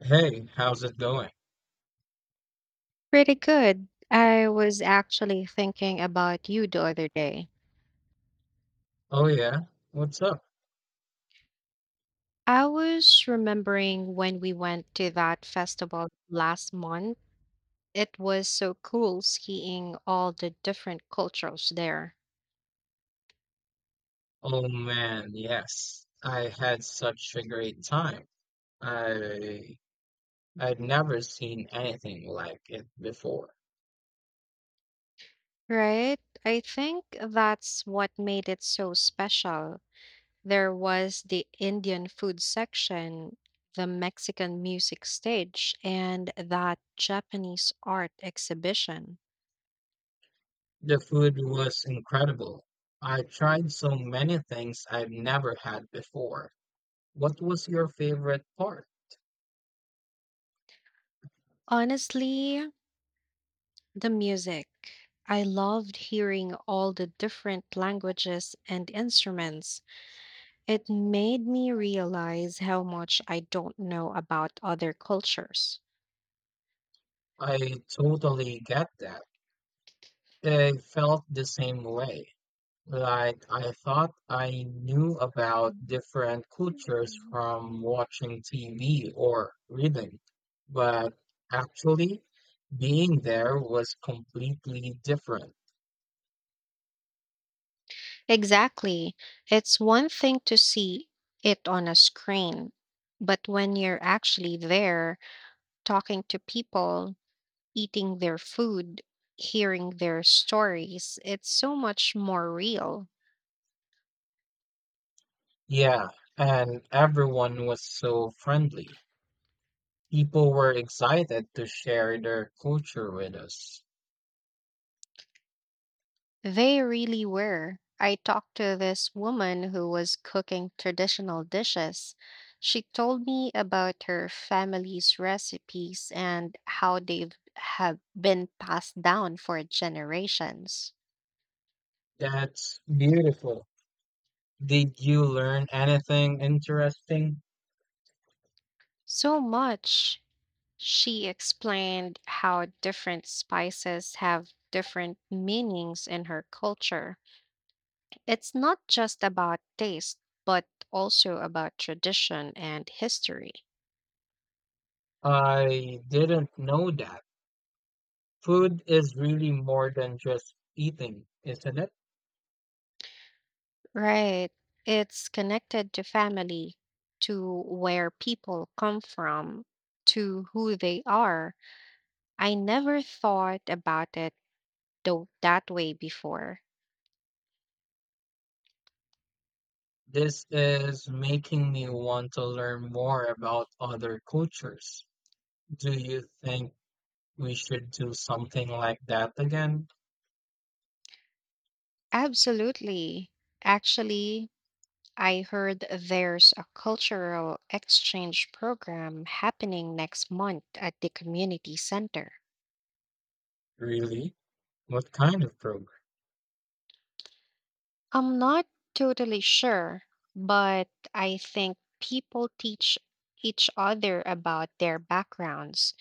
Hey, how's it going? Pretty good. I was actually thinking about you the other day. Oh yeah, what's up? I was remembering when we went to that festival last month. It was so cool seeing all the different cultures there. Oh man, yes. I had such a great time. I I'd never seen anything like it before. Right? I think that's what made it so special. There was the Indian food section, the Mexican music stage, and that Japanese art exhibition. The food was incredible. I tried so many things I've never had before. What was your favorite part? Honestly, the music. I loved hearing all the different languages and instruments. It made me realize how much I don't know about other cultures. I totally get that. I felt the same way. Like, I thought I knew about different cultures from watching TV or reading, but actually being there was completely different. Exactly. It's one thing to see it on a screen, but when you're actually there, talking to people, eating their food, hearing their stories, it's so much more real. Yeah, and everyone was so friendly. People were excited to share their culture with us. They really were. I talked to this woman who was cooking traditional dishes. She told me about her family's recipes and how they've have been passed down for generations. That's beautiful. Did you learn anything interesting? So much. She explained how different spices have different meanings in her culture. It's not just about taste, but also about tradition and history. I didn't know that. Food is really more than just eating, isn't it? Right. It's connected to family, to where people come from, to who they are. I never thought about it though that way before. This is making me want to learn more about other cultures. Do you think we should do something like that again? Absolutely. Actually, I heard there's a cultural exchange program happening next month at the community center. Really? What kind of program? I'm not totally sure, but I think people teach each other about their backgrounds.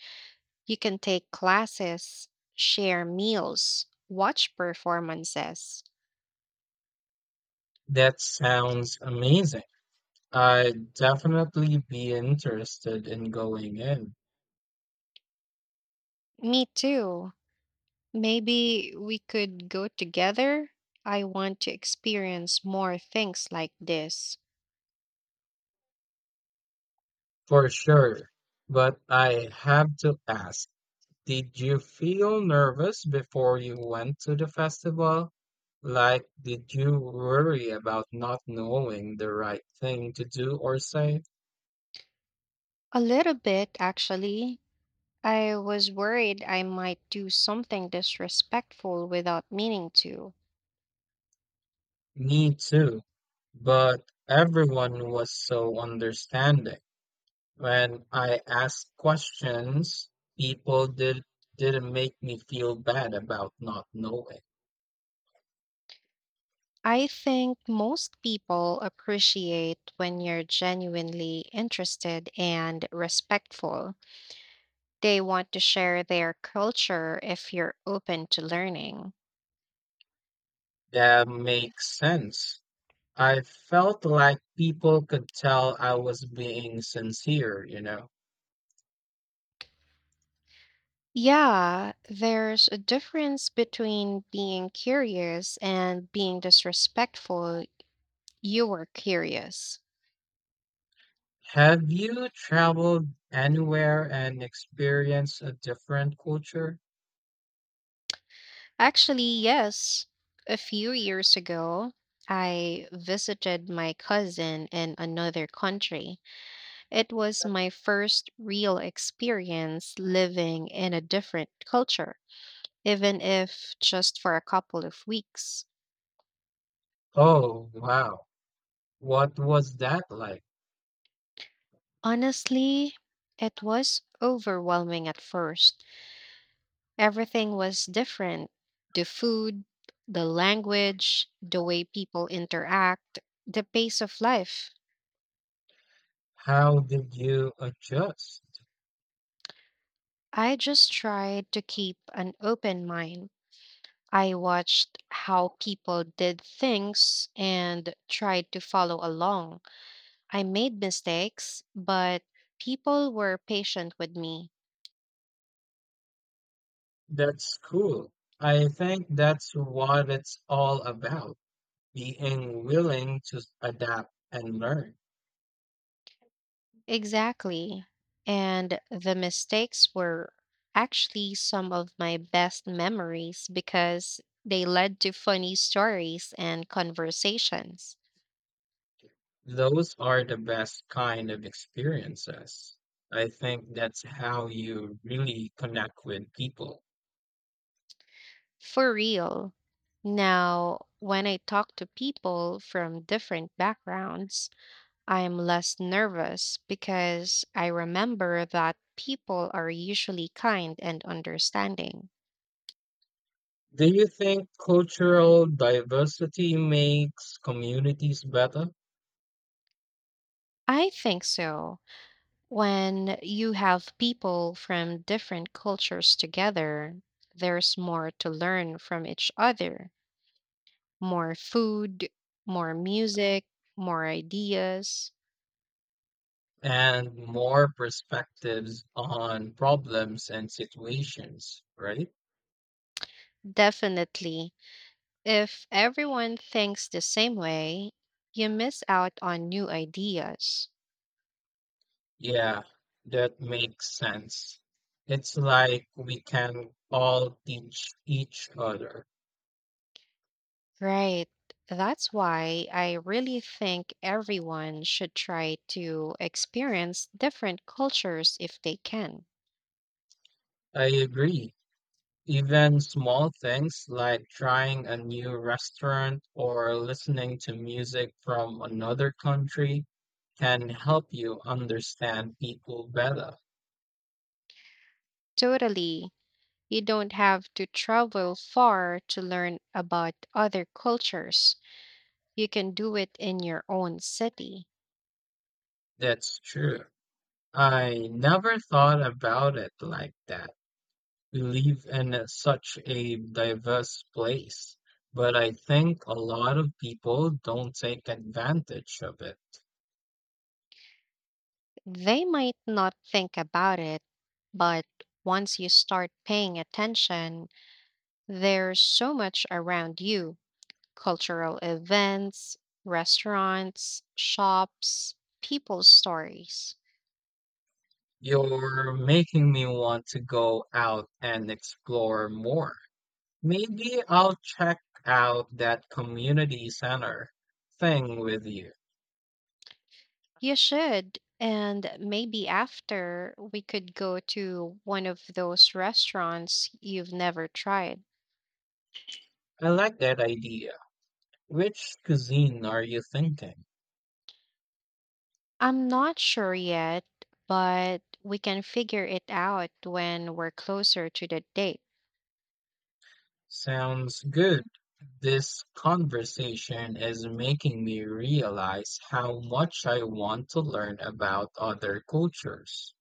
You can take classes, share meals, watch performances. That sounds amazing. I'd definitely be interested in going in, Me too. Maybe we could go together. I want to experience more things like this. for sure. But I have to ask. Did you feel nervous before you went to the festival? Like, did you worry about not knowing the right thing to do or say? A little bit, actually. I was worried I might do something disrespectful without meaning to. Me too, but everyone was so understanding. When I asked questions, people didn't make me feel bad about not knowing. I think most people appreciate when you're genuinely interested and respectful. They want to share their culture if you're open to learning. That makes sense. I felt like people could tell I was being sincere, you know. Yeah, there's a difference between being curious and being disrespectful. You were curious. Have you traveled anywhere and experienced a different culture? Actually, yes. A few years ago, I visited my cousin in another country. It was my first real experience living in a different culture, even if just for a couple of weeks. Oh, wow. What was that like? Honestly, it was overwhelming at first. Everything was different, the food, the language, the way people interact, the pace of life. How did you adjust? I just tried to keep an open mind. I watched how people did things and tried to follow along. I made mistakes, but people were patient with me. That's cool. I think that's what it's all about, being willing to adapt and learn. Exactly. And the mistakes were actually some of my best memories because they led to funny stories and conversations. Those are the best kind of experiences. I think that's how you really connect with people. For real. Now, when I talk to people from different backgrounds, I'm less nervous because I remember that people are usually kind and understanding. Do you think cultural diversity makes communities better, I think so. When you have people from different cultures together, there's more to learn from each other, more food, more music, more ideas. and more perspectives on problems and situations, right? Definitely. If everyone thinks the same way, you miss out on new ideas. Yeah, that makes sense. It's like we can all teach each other. Right. That's why I really think everyone should try to experience different cultures if they can. I agree. Even small things like trying a new restaurant or listening to music from another country can help you understand people better. Totally. You don't have to travel far to learn about other cultures. You can do it in your own city. That's true. I never thought about it like that. We live in such a diverse place, but I think a lot of people don't take advantage of it. They might not think about it, but once you start paying attention, there's so much around you, cultural events, restaurants, shops, people's stories. You're making me want to go out and explore more. Maybe I'll check out that community center thing with you. You should. And maybe after we could go to one of those restaurants you've never tried. I like that idea. Which cuisine are you thinking? I'm not sure yet, but we can figure it out when we're closer to the date. Sounds good. This conversation is making me realize how much I want to learn about other cultures.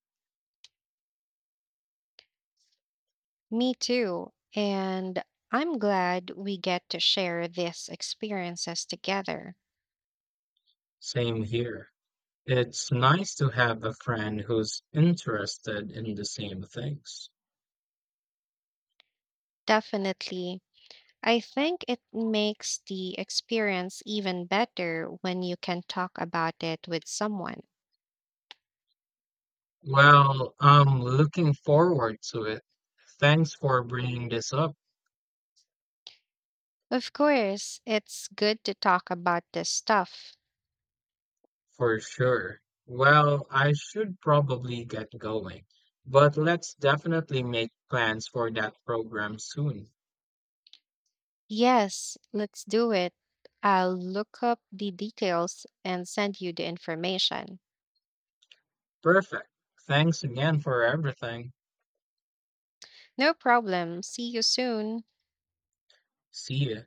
Me too. And I'm glad we get to share these experiences together. Same here. It's nice to have a friend who's interested in the same things. Definitely. I think it makes the experience even better when you can talk about it with someone. Well, I'm looking forward to it. Thanks for bringing this up, Of course, it's good to talk about this stuff. for sure. Well, I should probably get going, but let's definitely make plans for that program soon. Yes, let's do it. I'll look up the details and send you the information. Perfect. Thanks again for everything. No problem. See you soon. See ya.